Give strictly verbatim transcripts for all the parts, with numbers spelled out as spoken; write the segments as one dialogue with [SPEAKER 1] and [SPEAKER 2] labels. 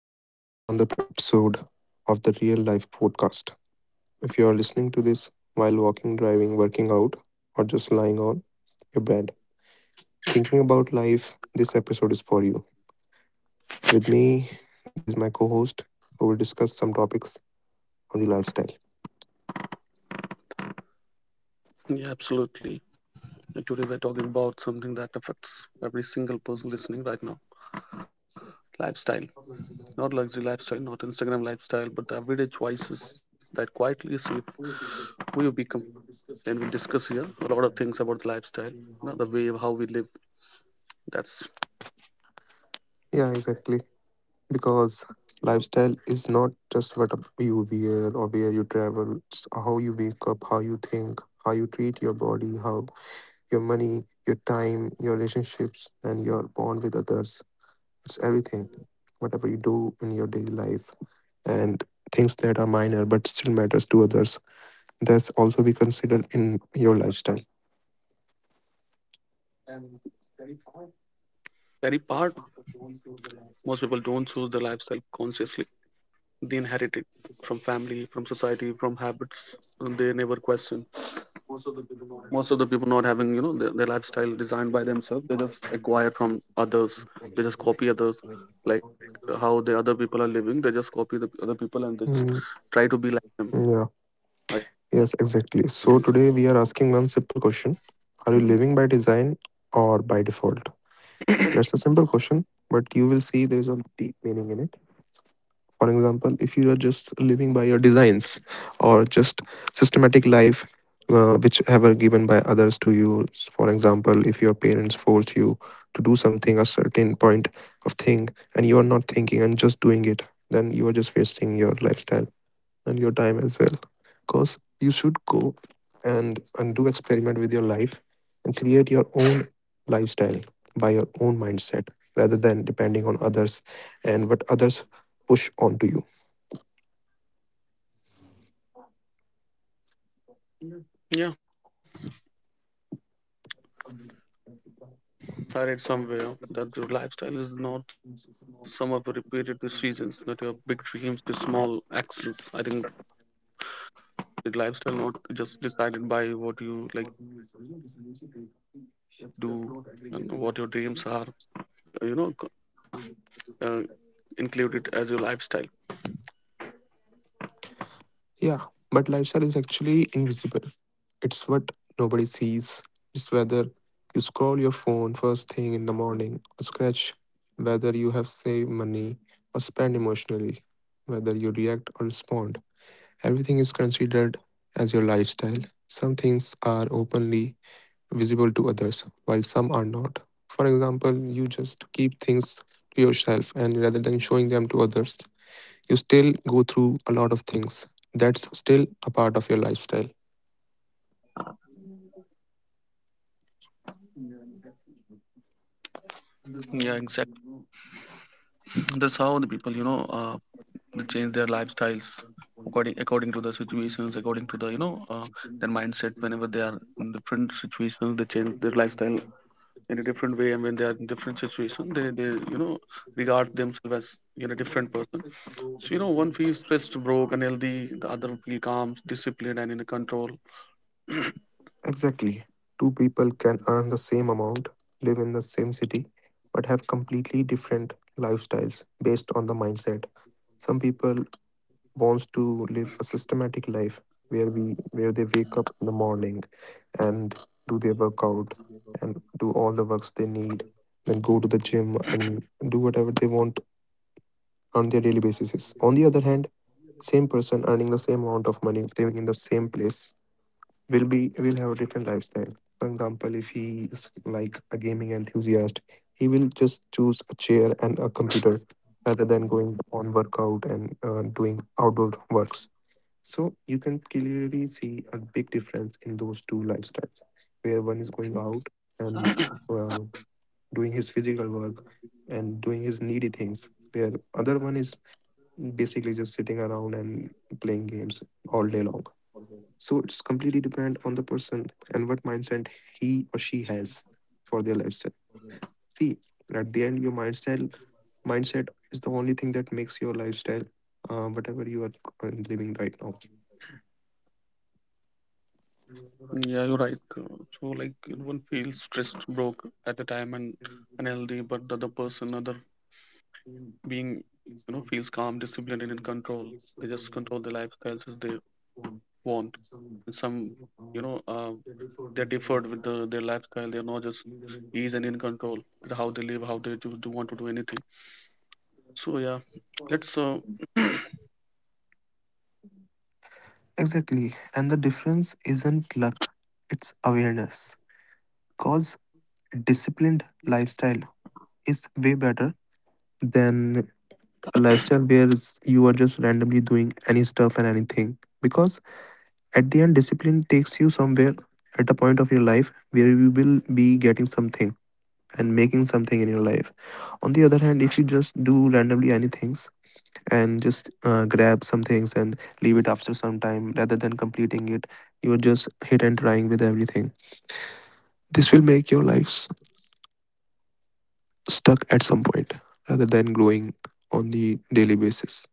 [SPEAKER 1] Welcome back to another episode of the Real Life Podcast. If you are listening to this while walking, driving, working out, or just lying on your bed, thinking about life, this episode is for you. With me, there is my co host who will discuss some topics on the lifestyle.
[SPEAKER 2] Yeah, absolutely. And today we're talking about something that affects every single person listening right now: lifestyle. Not luxury lifestyle, not Instagram lifestyle, but the everyday choices that quietly shape who you become. Then we'll discuss here a lot of things about the lifestyle, you know, the way how we live. That's
[SPEAKER 1] Yeah, exactly. Because lifestyle is not just what you wear or where you travel, it's how you wake up, how you think, how you treat your body, how your money, your time, your relationships and your bond with others. It's everything whatever you do in your daily life, and things that are minor but still matters to others, that's also be considered in your lifestyle.
[SPEAKER 2] and very part, most people don't choose their lifestyle consciously. They inherit it from family, from society, from habits they never question. Most of the people not having you know their, their lifestyle designed by themselves, they just acquire from others, they just copy others, like how the other people are living, they just copy the other people, and they just
[SPEAKER 1] Mm,
[SPEAKER 2] try to be like them, I
[SPEAKER 1] yeah,
[SPEAKER 2] think so.
[SPEAKER 1] yes, exactly. So today we are asking one simple question: are you living by design or by default? That's a simple question, but you will see there is a deep meaning in it. For example, if you are just living by your designs or just systematic life, uh, which ever given by others to you, s- for example, if your parents force you to do something, a certain point of thing, and you are not thinking and just doing it, then you are just wasting your lifestyle and your time as well. Because you should go and, and do experiment with your life and create your own lifestyle by your own mindset rather than depending on others and what others push onto you.
[SPEAKER 2] Yeah, I read somewhere that your lifestyle is not the sum of repeated decisions, not your big dreams, the small actions. I think the lifestyle not just decided by what you like do, and what your dreams are, and what you you know decisions you take. That's that's not aggregated, uh, you know uh, include it as your lifestyle.
[SPEAKER 1] Yeah, but lifestyle is actually invisible. It's what nobody sees. It's whether you scroll your phone first thing in the morning or scratch, whether you have saved money or spend emotionally, whether you react or respond. Everything is considered as your lifestyle. Some things are openly visible to others, while some are not. For example, you just keep things to yourself and rather than showing them to others, you still go through a lot of things. That's still a part of your lifestyle.
[SPEAKER 2] Yeah, exactly. That's how the people, you know, uh, they change their lifestyles according according to the situations, according to the you know uh, their mindset. Whenever they are in different situations, they change their lifestyle in a different way. And when they are in different situations, they they you know regard themselves as you know different person. So you know, one feels stressed, broke, unhealthy. The other feel calm, disciplined, and in a control.
[SPEAKER 1] Exactly. Two people can earn the same amount, live in the same city, but have completely different lifestyles based on the mindset. Some people wants to live a systematic life where we where they wake up in the morning and do their workout and do all the works they need, then go to the gym and do whatever they want on their daily basis. On the other hand, same person earning the same amount of money, living in the same place will be will have a different lifestyle. For example, if he is like a gaming enthusiast, he will just choose a chair and a computer rather than going on workout and uh, doing outdoor works. So you can clearly see a big difference in those two lifestyles, where one is going out and uh, doing his physical work and doing his needy things, where other one is basically just sitting around and playing games all day long. So it's completely dependent on the person and what mindset he or she has for their lifestyle. See, at the end, your mindset mindset is the only thing that makes your lifestyle, uh, whatever you are uh, living right now.
[SPEAKER 2] Yeah, you're right. Uh, So, like, one feels stressed, broke at the time, and unhealthy, but the other person, other being, you know, feels calm, disciplined, and in control. They just control their lifestyles as they want. And some, you know, uh, they're differed with the, their lifestyle. They're not just ease and in control with how they live, how they do, do want to do anything. So, yeah, let's, uh, yeah,
[SPEAKER 1] Exactly. And the difference isn't luck, it's awareness. Because disciplined lifestyle is way better than a lifestyle where it's- you are just randomly doing any stuff and anything. Because at the end, discipline takes you somewhere at a point of your life where you will be getting something and making something in your life. On the other hand, if you just do randomly anything, and just uh, grab some things and leave it after some time rather than completing it, you're just hit and trying with everything. This will make your life s- stuck at some point rather than growing on the daily basis.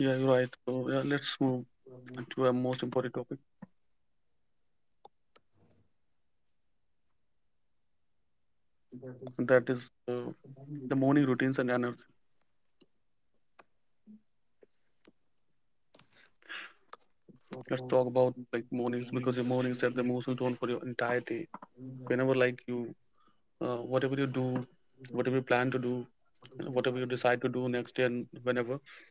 [SPEAKER 2] you're right. So, yeah, let's move to a most important topic, and that is uh, the morning routines and energy. Let's talk about like mornings because your mornings set the emotional tone for your entire day. Whenever like you, uh, whatever you do, whatever you plan to do, and whatever you decide to do next day and whenever,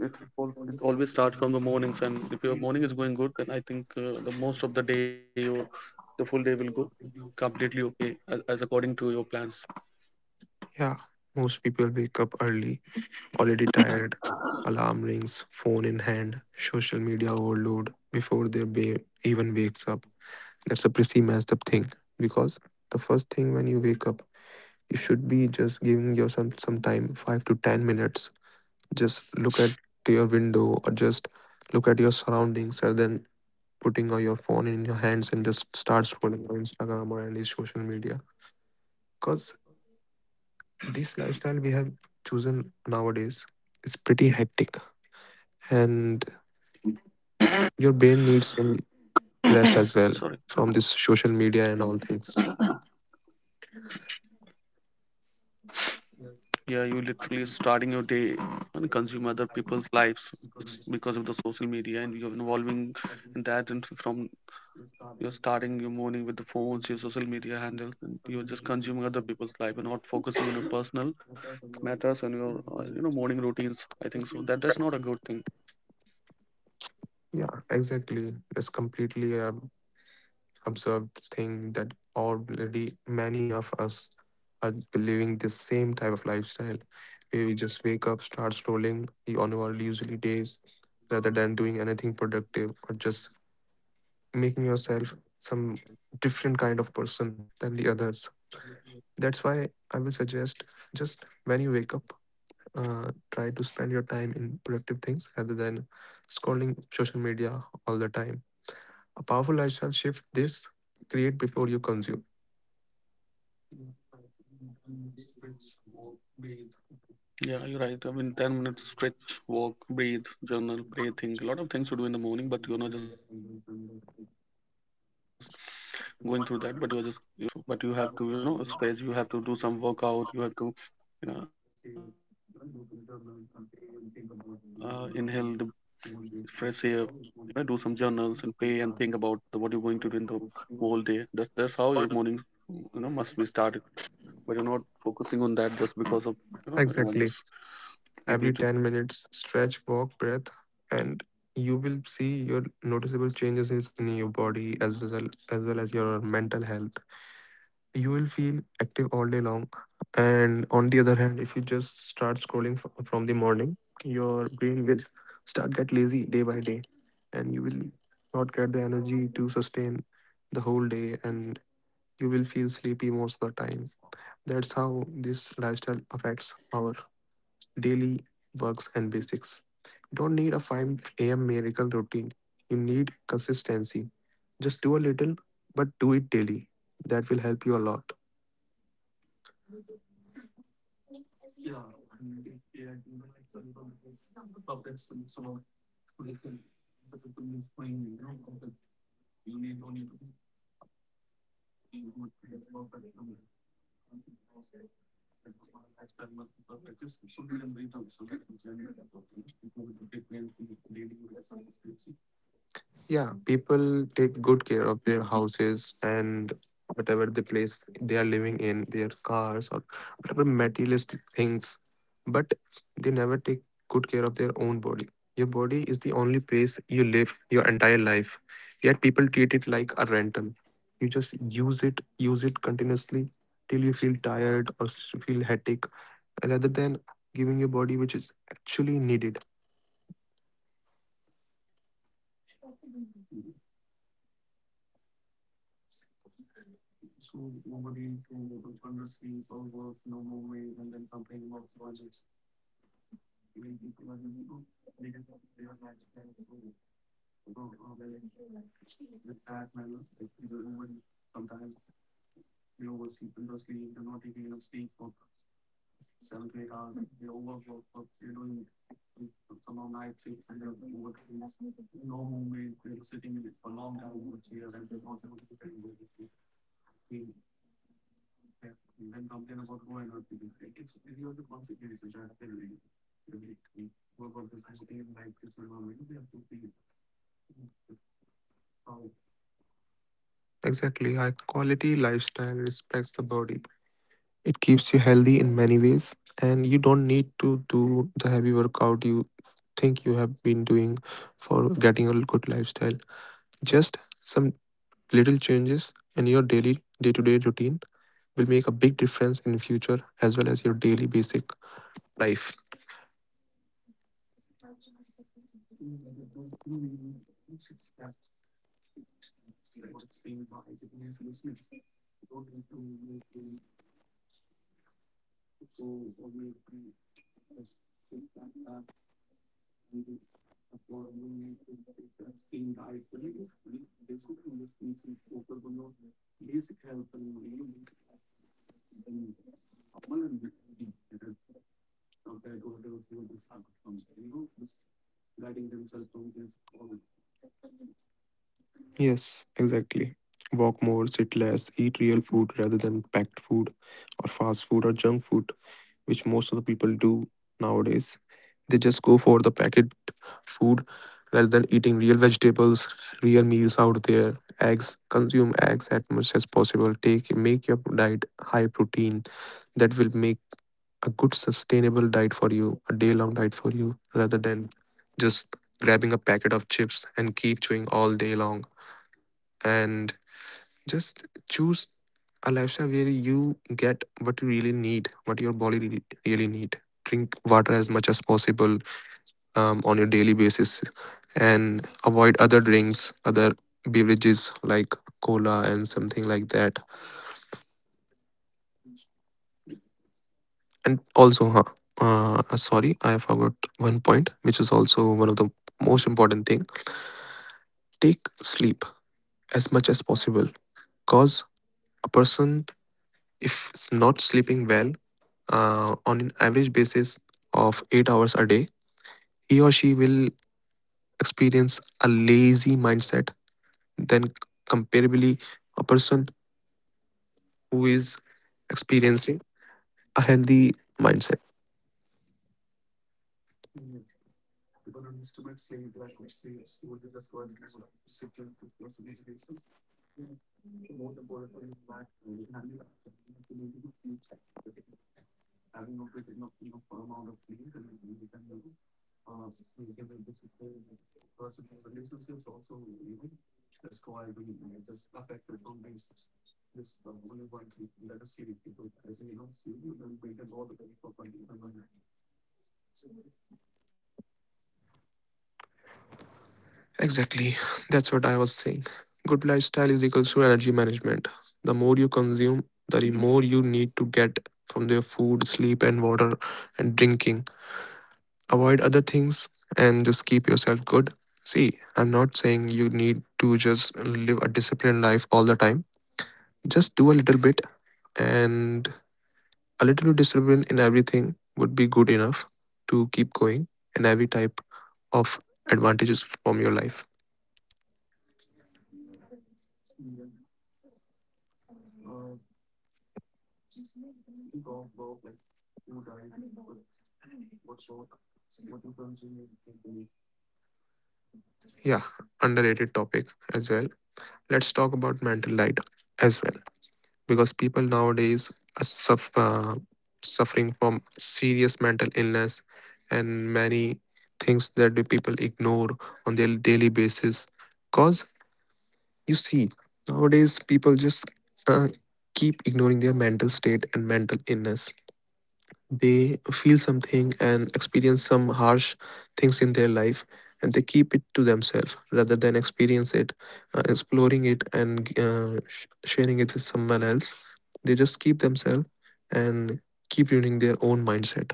[SPEAKER 2] then it, al- it always starts from the mornings. And if your morning is going good, then I think uh, the most of the day or the full day will go completely okay as, as according to your plans.
[SPEAKER 1] Yeah, most people wake up early, already tired, alarm rings, phone in hand, social media overload before their ba- even wakes up. That's a pretty messed up thing because the first thing when you wake up, you should be just giving yourself some time, five to ten minutes. Just look at to your window or just look at your surroundings rather than putting all your phone in your hands and just start scrolling on Instagram or any social media. Because this lifestyle we have chosen nowadays is pretty hectic, and your brain needs some rest as well
[SPEAKER 2] Sorry.
[SPEAKER 1] from this social media and all things.
[SPEAKER 2] Yeah, you literally starting your day and consume other people's lives s- because of the social media, and you're involving in that. And from you're starting your morning with the phones, your social media handles, and you're just consuming other people's life and not focusing on your personal matters and your uh, you know morning routines. I think so. That that's not a good thing.
[SPEAKER 1] Yeah, exactly, that's completely a absurd thing that already many of us are living the same type of lifestyle where we just wake up, start strolling on our usually days rather than doing anything productive or just making yourself some different kind of person than the others. That's why I will suggest just when you wake up, uh, try to spend your time in productive things rather than scrolling social media all the time. A powerful lifestyle shift this create before you consume.
[SPEAKER 2] Yeah, you're right.
[SPEAKER 1] Streets
[SPEAKER 2] I mean,
[SPEAKER 1] will
[SPEAKER 2] ten
[SPEAKER 1] be.
[SPEAKER 2] minutes stretch, walk, breathe, journal, pray, think. A lot of things to do in the morning, but you're not just going through that. But you're just you know focusing on your social media handles and that like. Uh, so but you have to you know stretch, you have to do some workout, you have to you know uh, inhale the fresh air, you know, do some journals and pray and think about the, what you're going to do in the whole day. That's that's how your morning you know must be started, but you're not focusing on that just because of you know uh, just the distractions from social media.
[SPEAKER 1] Exactly. Every ten minutes stretch walk breath, and you will see your noticeable changes is in your body as well as well as your mental health. You will feel active all day long, and on the other hand, if you just start scrolling f- from the morning, your brain will start get lazy day by day, and you will not get the energy to sustain the whole day, and you will feel sleepy most of the time. That's how this lifestyle affects our daily works and basics. You don't need a five a m miracle routine. You need consistency. Just do a little, but do it daily. That will help you a lot. Yeah, people take good care of their houses and whatever the place they are living in, their cars or whatever materialistic things, but they never take good care of their own body. Your body is the only place you live your entire life. Yet people treat it like a rental. You just use it, use it continuously till you feel tired or s- feel headache rather than giving your body which is actually needed. So nobody to honestly for work, no more way, and then complain about projects. Even people are doing, oh, they can, they are not trying to go on the task manner, like they do sometimes. They oversleep and they they're not taking enough sleep for seven to eight hours, they overwork, but they're doing some on night shifts and they're overworking. No movement, they're sitting in it for a long time, over years, and they're not able to get we then complain about go and not be there. It is, it is the consequences which are there. We, we, we go like this environment, we have to be how. Exactly. High quality lifestyle respects the body. It keeps you healthy in many ways, and you don't need to do the heavy workout you think you have been doing for getting a good lifestyle. Just some little changes in your daily day to day routine will make a big difference in future as well as your daily basic life. Compared to others who are disarmed, you know, just guiding themselves from this problem. Yes, exactly. Walk more, sit less, eat real food rather than packed food or fast food or junk food, which most of the people do nowadays. They just go for the packet food rather than eating real vegetables, real meals out there, eggs, consume eggs as much as possible. Take make your diet high protein, that will make a good sustainable diet for you, a day long diet for you, rather than just grabbing a packet of chips and keep chewing all day long. And just choose a lifestyle where you get what you really need, what your body really, really need. Drink water as much as possible um, on your daily basis and avoid other drinks, other beverages like cola and something like that. And also, huh, uh, sorry, I forgot one point, which is also one of the most important thing. Take sleep as much as possible, cause a person if is not sleeping well, uh, on an average basis of eight hours a day, he or she will experience a lazy mindset. Then comparably, a person who is experiencing a healthy mindset. Even on instruments like black or C S, you would just go ahead and sort of sit and put your solution. More the board for you back. And you have to be active. Having not written up enough amount of things and then we can do. Uh, we can do personal relationships also, even know, that's why we uh, just affected on basis. This uh, only one thing, let us see people, as you know, see, we will wait and all the way for funding. Exactly. That's what I was saying. Good lifestyle is equals to energy management. The more you consume, the more you need to get from your food, sleep, and water and drinking. Avoid other things and just keep yourself good. See, I'm not saying you need to just live a disciplined life all the time. Just do a little bit, and a little discipline in everything would be good enough to keep going and every type of advantages from your life. Uh, People vote like who died, what what sort, what you think they. Yeah, underrated topic as well. Let's talk about mental light as well because people nowadays are suff uh, suffering from serious mental illness and many things that the people ignore on their daily basis. Because you see, nowadays people just uh, keep ignoring their mental state and mental illness. They feel something and experience some harsh things in their life, and they keep it to themselves rather than experience it, uh, exploring it, and uh, sh- sharing it with someone else. They just keep themselves and keep ruining their own mindset.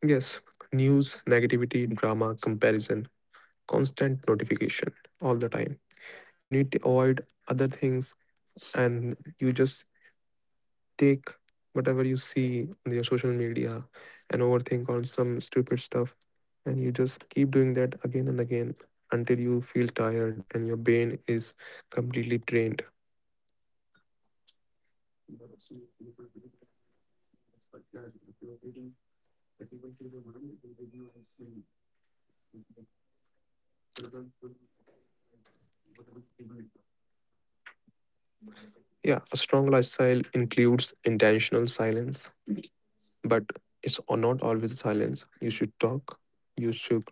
[SPEAKER 1] Yes, news, negativity, drama, comparison, constant notification all the time. You need to avoid other things and you just take whatever you see on your social media and overthink on some stupid stuff. And you just keep doing that again and again until you feel tired and your brain is completely drained. Yeah, a strong lifestyle includes intentional silence, but it's o- not always silence. You should talk. You should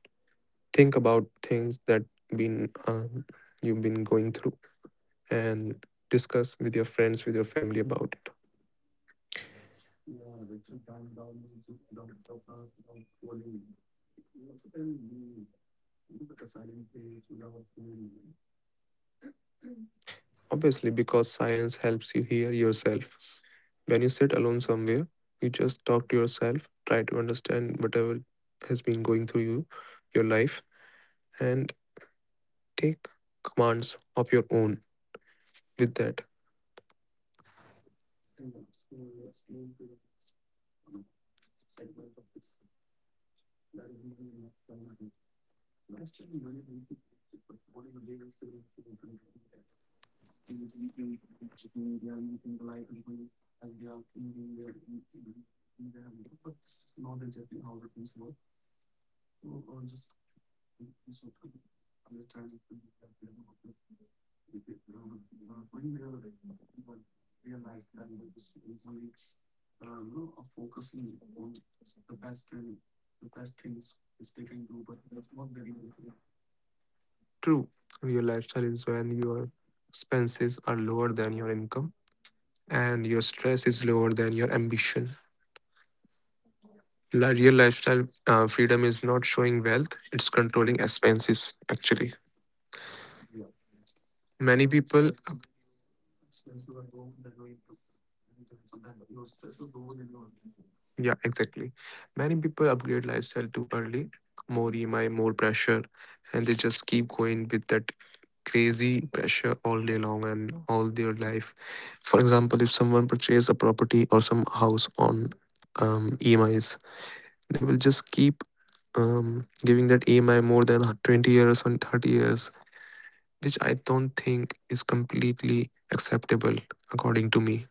[SPEAKER 1] think about things that been um, you've been going through and discuss with your friends, with your family about it. Obviously, because silence helps you hear yourself. When you sit alone somewhere, you just talk to yourself, try to understand whatever has been going through you, your life, and take commands of your own with that. Understand the the the students are uh, you know when are are but realize that students focusing on best best and the best things which they can do, but that's not very. True, your lifestyle is when your expenses are lower than your income and your stress is lower than your ambition. Li- Real lifestyle uh, freedom is not showing wealth, it's controlling expenses actually. Many people ab- Yeah, exactly. Many people upgrade lifestyle too early, more E M I, more pressure, and they just keep going with that crazy pressure all day long and all their life. For example, if someone purchases a property or some house on um, E M Is, they will just keep um, giving that E M I more than twenty years and thirty years, which I don't think is completely acceptable, according to me.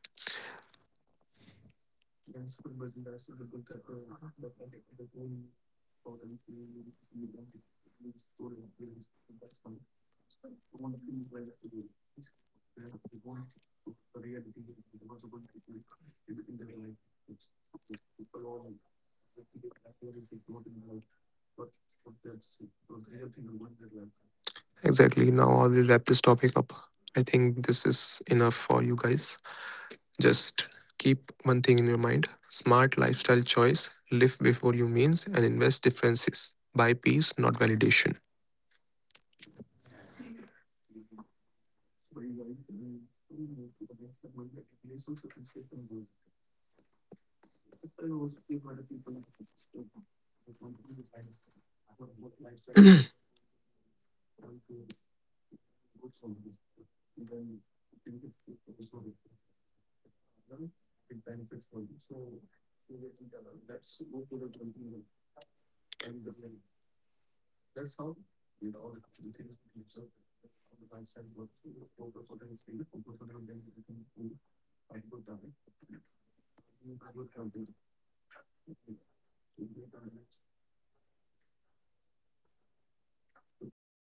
[SPEAKER 1] Exactly. Now I will wrap this topic up. I think this is enough for you guys. Just keep one thing in your mind: smart lifestyle choice, live before you means, and invest differences. Buy peace, not validation. Partner, it benefits for you. So seriously, Karan, let's go for the continuum and the brain. That's how it all the things we teach how the lifestyle works. So let's focus on the skill, focus on the identity, food, a good diet, a good company. Good diet,